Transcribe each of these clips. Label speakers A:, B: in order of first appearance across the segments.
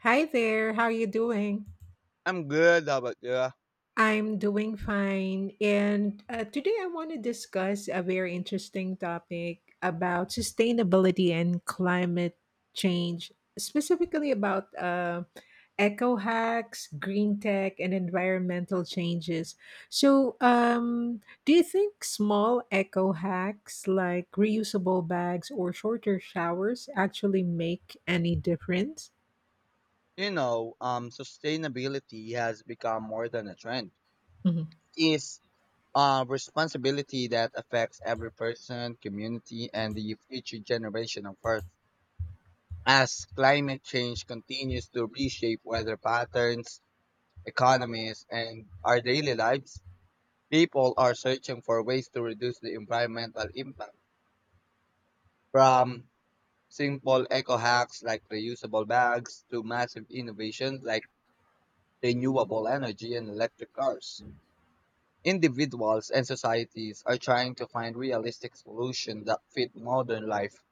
A: Hi there, how are you doing?
B: I'm good. How about you?
A: I'm doing fine. And today I want to discuss a very interesting topic about sustainability and climate change, specifically about eco hacks, green tech, and environmental changes. So, do you think small eco hacks like reusable bags or shorter showers actually make any difference?
B: Sustainability has become more than a trend.
A: Mhm.
B: It's a responsibility that affects every person, community, and the future generation of Earth. As climate change continues to reshape weather patterns, economies, and our daily lives, people are searching for ways to reduce the environmental impact. From simple eco hacks like reusable bags to massive innovations like renewable energy and electric cars. Individuals and societies are trying to find realistic solutions that fit modern life.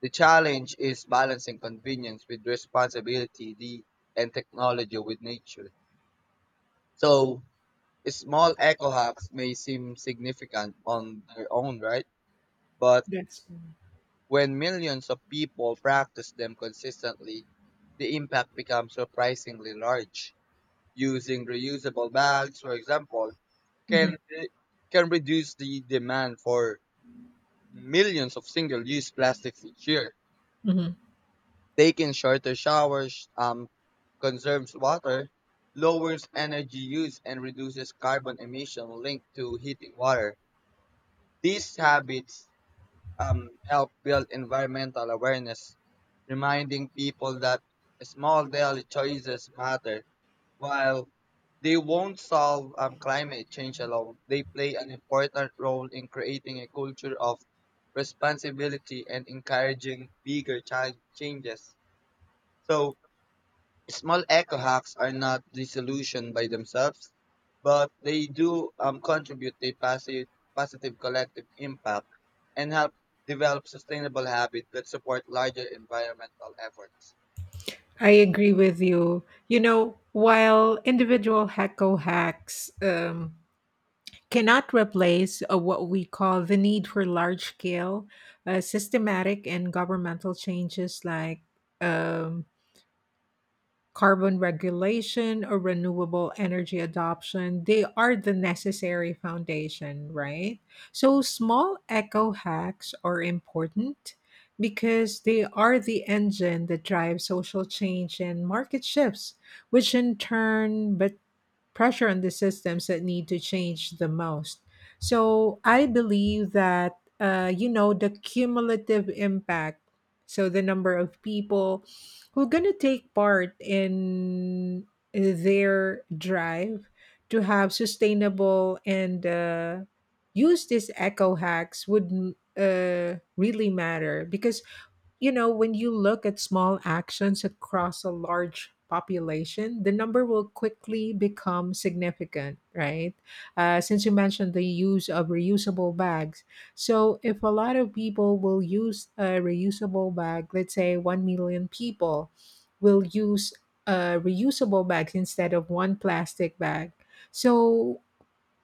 B: The challenge is balancing convenience with responsibility, and technology with nature. So, small eco hacks may seem significant on their own, right? But
A: That's
B: when millions of people practice them consistently, the impact becomes surprisingly large. Using reusable bags, for example,
A: Mhm.
B: can re- can reduce the demand for millions of single-use plastics each year.
A: Mhm.
B: Taking shorter showers, conserves water, lowers energy use, and reduces carbon emission linked to heating water. These habits, help build environmental awareness, reminding people that small daily choices matter. While they won't solve, climate change alone, they play an important role in creating a culture of responsibility and encouraging bigger changes. So, small eco hacks are not the solution by themselves, but they do, contribute a positive collective impact and help develop sustainable habits that support larger environmental efforts.
A: I agree with you. While individual hacko hacks cannot replace what we call the need for large scale, systematic, and governmental changes like um, carbon regulation or renewable energy adoption, they are the necessary foundation, right? So small eco hacks are important because they are the engine that drives social change and market shifts, which in turn but pressure on the systems that need to change the most. So I believe that, the cumulative impact, so the number of people who are going to take part in their drive to have sustainable and use these eco hacks would really matter because when you look at small actions across a large population, the number will quickly become significant, right? Since you mentioned the use of reusable bags. So, if a lot of people will use a reusable bag, let's say 1 million people will use reusable bags instead of one plastic bag. So,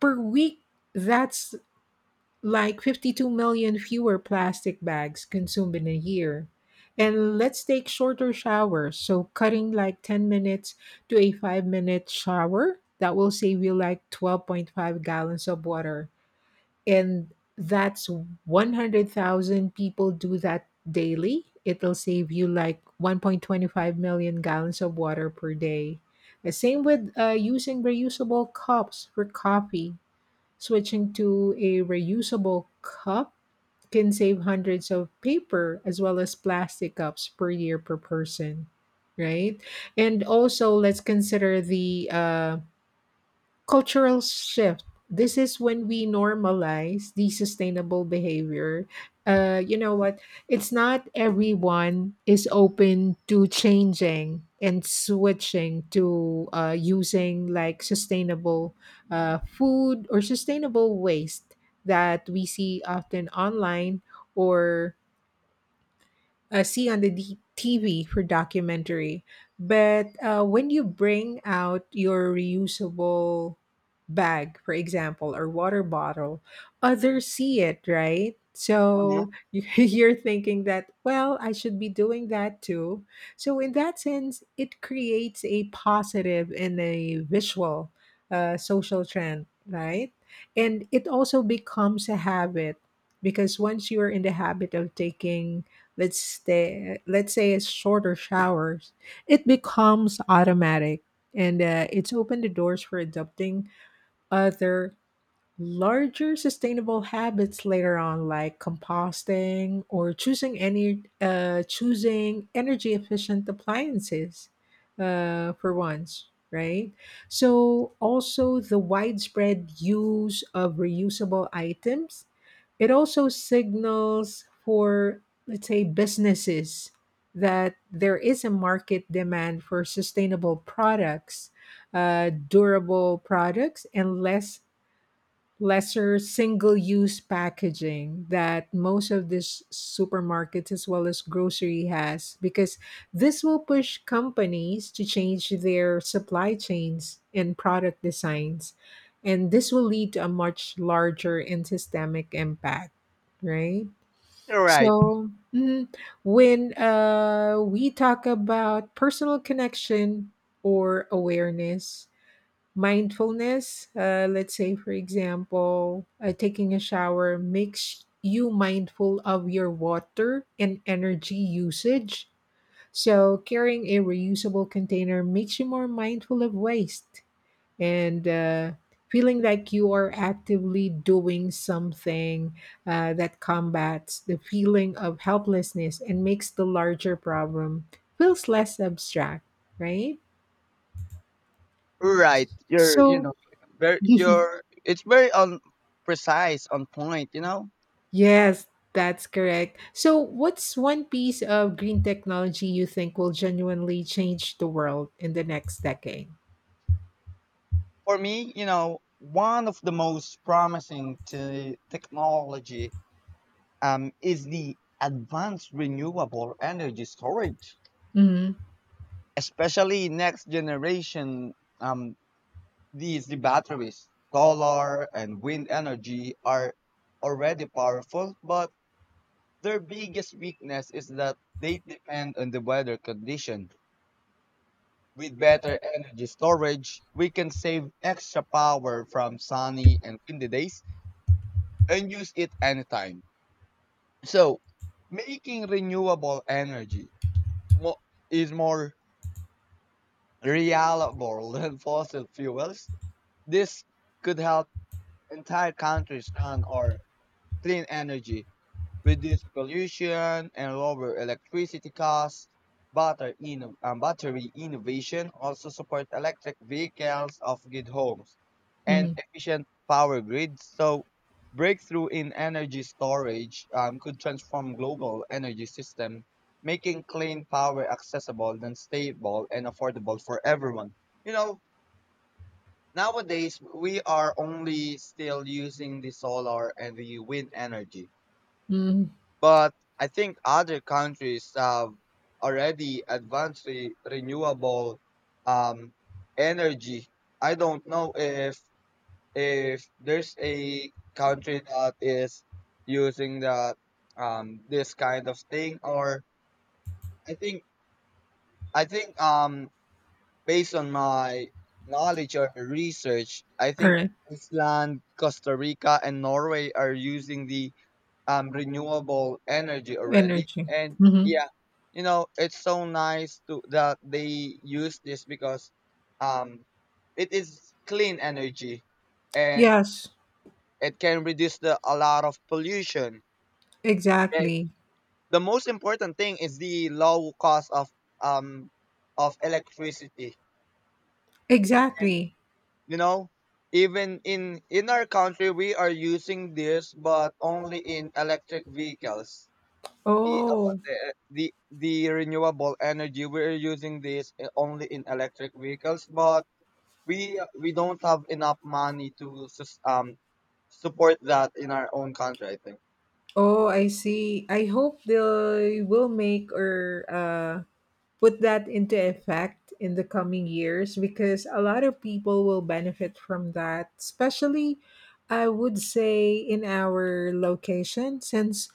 A: per week, that's like 52 million fewer plastic bags consumed in a year. And let's take shorter showers. So, cutting like 10 minutes to a 5-minute shower, that will save you like 12.5 gallons of water. And that's 100,000 people do that daily. It'll save you like 1.25 million gallons of water per day. The same with using reusable cups for coffee. Switching to a reusable cup can save hundreds of paper as well as plastic cups per year per person, right? And also, let's consider the cultural shift. This is when we normalize the sustainable behavior. You know what? It's not everyone is open to changing and switching to using like sustainable food or sustainable waste that we see often online or see on the TV for documentary. But when you bring out your reusable bag, for example, or water bottle, others see it, right?
B: Uh-huh.
A: So you're thinking that, well, I should be doing that too. So, in that sense, it creates a positive and a visual social trend, right? And it also becomes a habit, because once you are in the habit of taking, let's say it's shorter showers, it becomes automatic, and it's opened the doors for adopting other larger sustainable habits later on, like composting or choosing energy efficient appliances for once, right? So also the widespread use of reusable items, it also signals for, let's say, businesses that there is a market demand for sustainable products, durable products, and lesser single use packaging that most of these supermarkets as well as grocery has, because this will push companies to change their supply chains and product designs, and this will lead to a much larger and systemic impact, right?
B: All right.
A: So when we talk about personal connection or awareness, mindfulness, let's say for example, taking a shower makes you mindful of your water and energy usage, so carrying a reusable container makes you more mindful of waste, and feeling like you are actively doing something that combats the feeling of helplessness and makes the larger problem feels less abstract, right?
B: Right. You're, you
A: So
B: know, very, you're, it's very on precise, on point,
A: yes, that's correct. So, what's one piece of green technology you think will genuinely change the world in the next decade?
B: For me, you know, one of the most promising to technology, is the advanced renewable energy storage,
A: Mm-hmm.
B: especially next generation. Um, the batteries, solar and wind energy are already powerful, but their biggest weakness is that they depend on the weather condition. With better energy storage, we can save extra power from sunny and windy days and use it anytime. So, making renewable energy mo- is more reliable than fossil fuels. This could help entire countries run on clean energy, reduce pollution, and lower electricity costs. Battery innovation also support electric vehicles of good homes and
A: Mm-hmm.
B: efficient power grids. So breakthrough in energy storage, could transform global energy system, making clean power accessible and stable and affordable for everyone. You know, nowadays we are only still using the solar and the wind energy,
A: Mm-hmm.
B: but I think other countries have already advanced re- renewable um, energy. I don't know if there's a country that is using that, this kind of thing, or I think I think based on my knowledge or research, I think
A: Correct.
B: Iceland, Costa Rica, and Norway are using the, renewable energy already.
A: Energy.
B: And
A: Mm-hmm.
B: yeah, you know, it's so nice to that they use this because, um, it is clean energy and
A: Yes,
B: it can reduce a lot of pollution. And
A: exactly.
B: the most important thing is the low cost of, um, of electricity. And
A: Exactly.
B: you know, even in our country, we are using this, but only in electric vehicles. the uh,
A: Oh,
B: the the the renewable energy we're using only in electric vehicles, but we don't have enough money to support that in our own country, I think.
A: oh, I see. I hope they will make or put that into effect in the coming years, because a lot of people will benefit from that, especially, I would say, in our location, since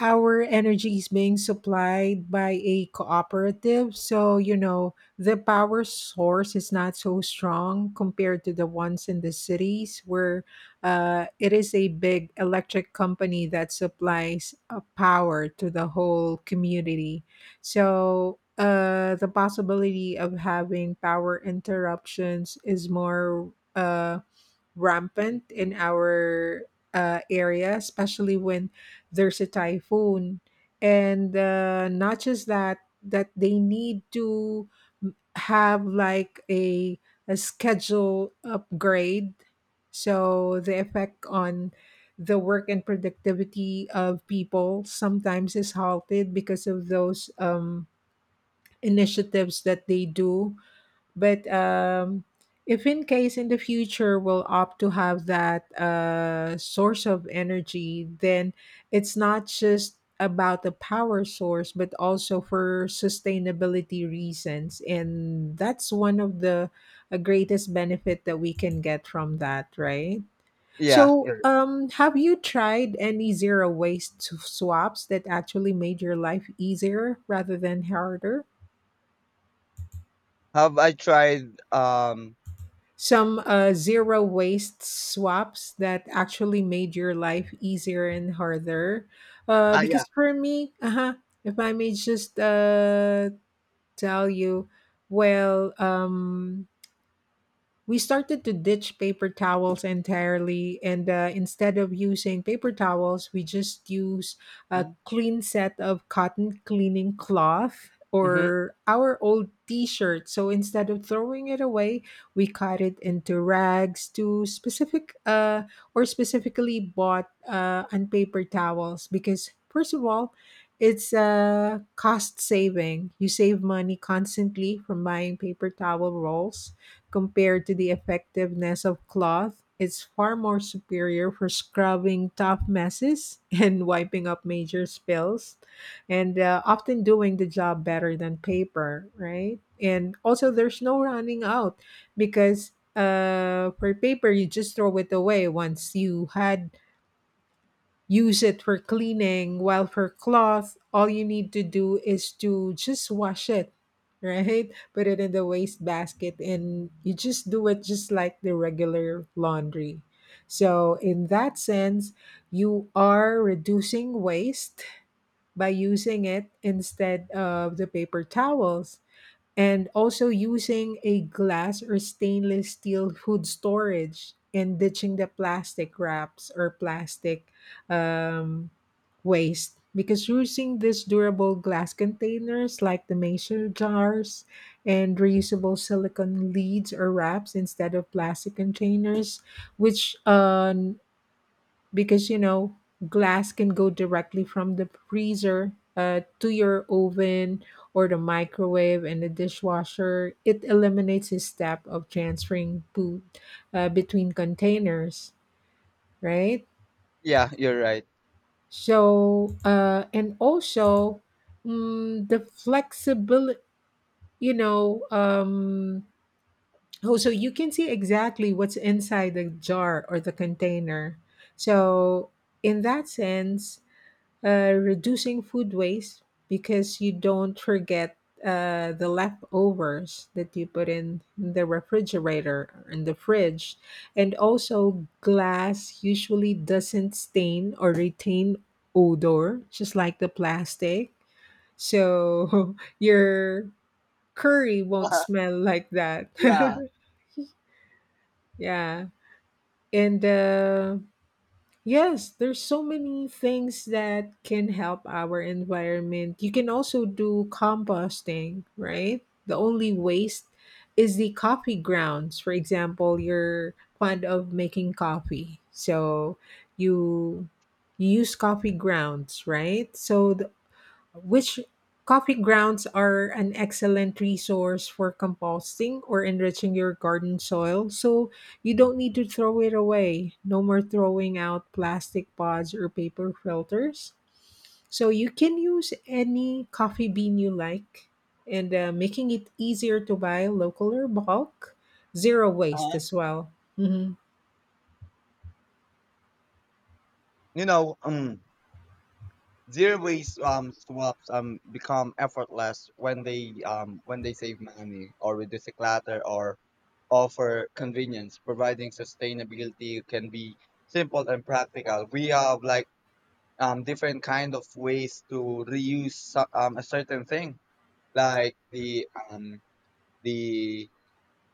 A: our energy is being supplied by a cooperative, so the power source is not so strong compared to the ones in the cities, where it is a big electric company that supplies power to the whole community. So the possibility of having power interruptions is more rampant in our area, especially when there's a typhoon. And not just that they need to have like a schedule upgrade. So the effect on the work and productivity of people sometimes is halted because of those initiatives that they do. But if in case in the future we'll opt to have that source of energy, then it's not just about the power source, but also for sustainability reasons. And that's one of the greatest benefit that we can get from that, right?
B: yeah
A: So,
B: you're-
A: have you tried any zero waste swaps that actually made your life easier rather than harder?
B: right. Have I tried, um
A: Some zero waste swaps that actually made your life easier and harder. Uh,
B: ah yeah
A: because for me, uh-huh, if I may just tell you, well, we started to ditch paper towels entirely, and instead of using paper towels, we just use a clean set of cotton cleaning cloth
B: mm-hmm.
A: or our old t shirt. So instead of throwing it away, we cut it into rags to specific or specifically bought on paper towels because, first of all, it's cost saving. You save money constantly from buying paper towel rolls. Compared to the effectiveness of cloth, it's far more superior for scrubbing tough messes and wiping up major spills, and often doing the job better than paper, right? And also, there's no running out, because for paper, you just throw it away once you had use it for cleaning, while for cloth all you need to do is to just wash it right, put it in the waste basket, and you just do it just like the regular laundry. So in that sense, you are reducing waste by using it instead of the paper towels, and also using a glass or stainless steel food storage and ditching the plastic wraps or plastic um, waste, because using these durable glass containers like the mason jars and reusable silicone lids or wraps instead of plastic containers, which because glass can go directly from the freezer to your oven or the microwave and the dishwasher, it eliminates the step of transferring food between containers, right?
B: Yeah, you're right.
A: So, and also, the flexibility, you know, um, oh, so you can see exactly what's inside the jar or the container. So, in that sense, reducing food waste because you don't forget the leftovers that you put in the refrigerator or in the fridge. And also, glass usually doesn't stain or retain odor, just like the plastic. So your curry won't smell like that.
B: Yeah.
A: Yeah. And yes, there's so many things that can help our environment. You can also do composting, right? The only waste is the coffee grounds. For example, you're fond of making coffee. So you you use coffee grounds, right? So which coffee grounds are an excellent resource for composting or enriching your garden soil, so you don't need to throw it away. No more throwing out plastic pods or paper filters. So you can use any coffee bean you like, and making it easier to buy local or bulk. Zero waste
B: Uh-huh.
A: as well. Hmm.
B: You know, zero waste, swaps, become effortless when they save money or reduce the clutter or offer convenience, providing sustainability can be simple and practical. We have like, different kind of ways to reuse a certain thing, like the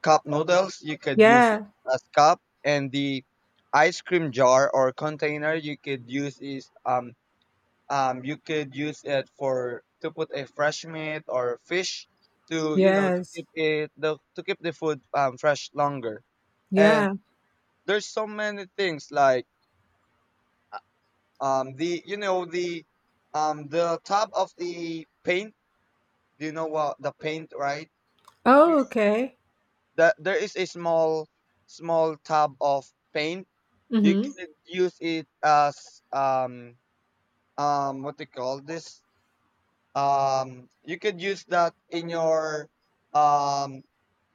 B: cup noodles. You could use it
A: Yeah.
B: as cup, and the ice cream jar or container you could use it for to put a fresh meat or fish to you know to
A: Yes.
B: keep the food, fresh longer. And
A: Yeah.
B: there's so many things like, um the you know the the top of the paint. Do you know what the paint, right? You-
A: Oh, okay.
B: that there is a small tub of paint, you
A: Mm-hmm.
B: can use it as, what do call this, you could use that in your, um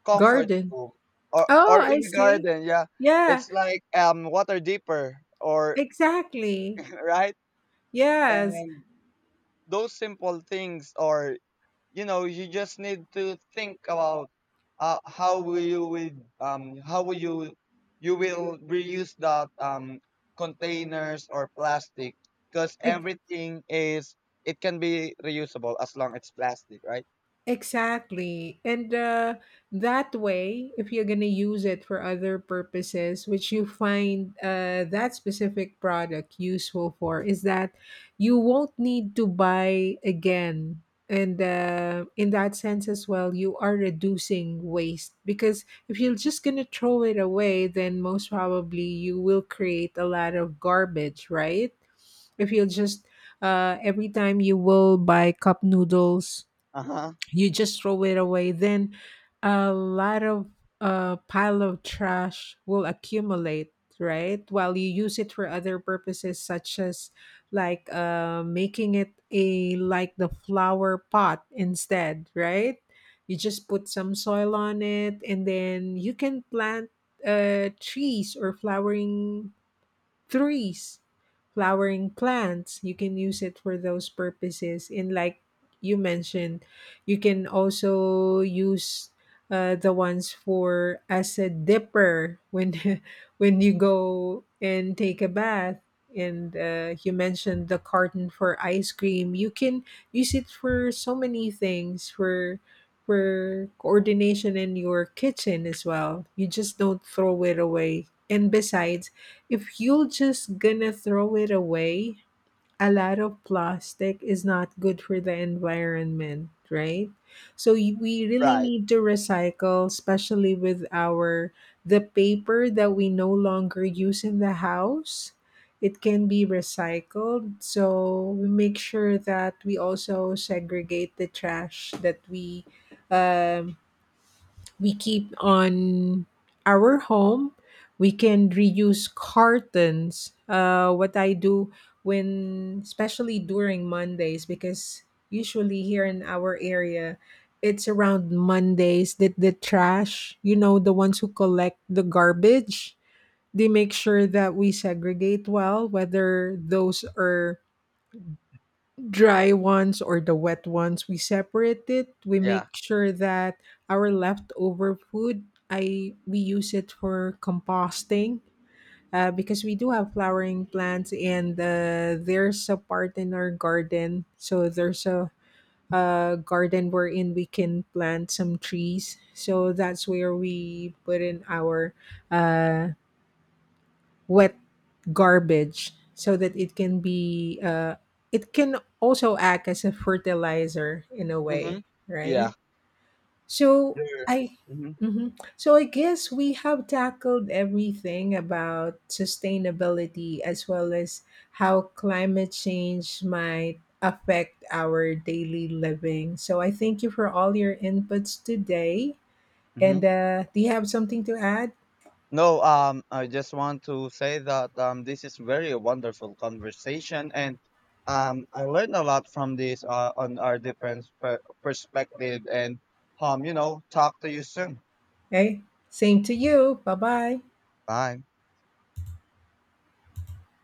B: comfort
A: Garden.
B: room
A: Oh,
B: or
A: I
B: in the
A: see.
B: garden, yeah.
A: Yeah,
B: It's like, water deeper or
A: exactly.
B: right.
A: Yes,
B: And those simple things or you know, you just need to think about, how will you would how will you you will reuse that, containers or plastic, because
A: e-
B: everything is, it can be reusable as long as plastic, right?
A: exactly. And that way, if you're going to use it for other purposes, which you find that specific product useful for, is that you won't need to buy again. And in that sense as well, you are reducing waste, because if you're just going to throw it away, then most probably you will create a lot of garbage, right? If you just every time you will buy cup noodles,
B: Uh-huh.
A: you just throw it away. Then a lot of pile of trash will accumulate, right? While you use it for other purposes, such as like making it a like the flower pot instead, right? You just put some soil on it, and then you can plant trees or flowering trees, flowering plants. You can use it for those purposes. And like you mentioned, you can also use the ones for as a dipper when when you go and take a bath. And you mentioned the carton for ice cream. You can use it for so many things. For coordination in your kitchen as well. You just don't throw it away. And besides, if you're just gonna throw it away, a lot of plastic is not good for the environment, right? So we really
B: Right.
A: need to recycle, especially with our the paper that we no longer use in the house. It can be recycled. So we make sure that we also segregate the trash that um, we keep on our home. We can reuse cartons. What I do, when, especially during Mondays, because usually here in our area, it's around Mondays that the trash, the ones who collect the garbage, they make sure that we segregate well, whether those are dry ones or the wet ones, we separate it. We
B: Yeah.
A: make sure that our leftover food, I we use it for composting, because we do have flowering plants. And there's a part in our garden. So there's a garden wherein we can plant some trees. So that's where we put in our uh, wet garbage, so that it can also act as a fertilizer in a
B: Mm-hmm.
A: way,
B: Yeah.
A: right? so I
B: Mm-hmm.
A: mhm. So I guess we have tackled everything about sustainability, as well as how climate change might affect our daily living. So I thank you for all your inputs today.
B: Mm-hmm.
A: And do you have something to add?
B: No, I just want to say that, this is very wonderful conversation, and, I learned a lot from this, on our different perspective. And, you know, talk to you soon.
A: Hey, same to you. Bye bye.
B: Bye.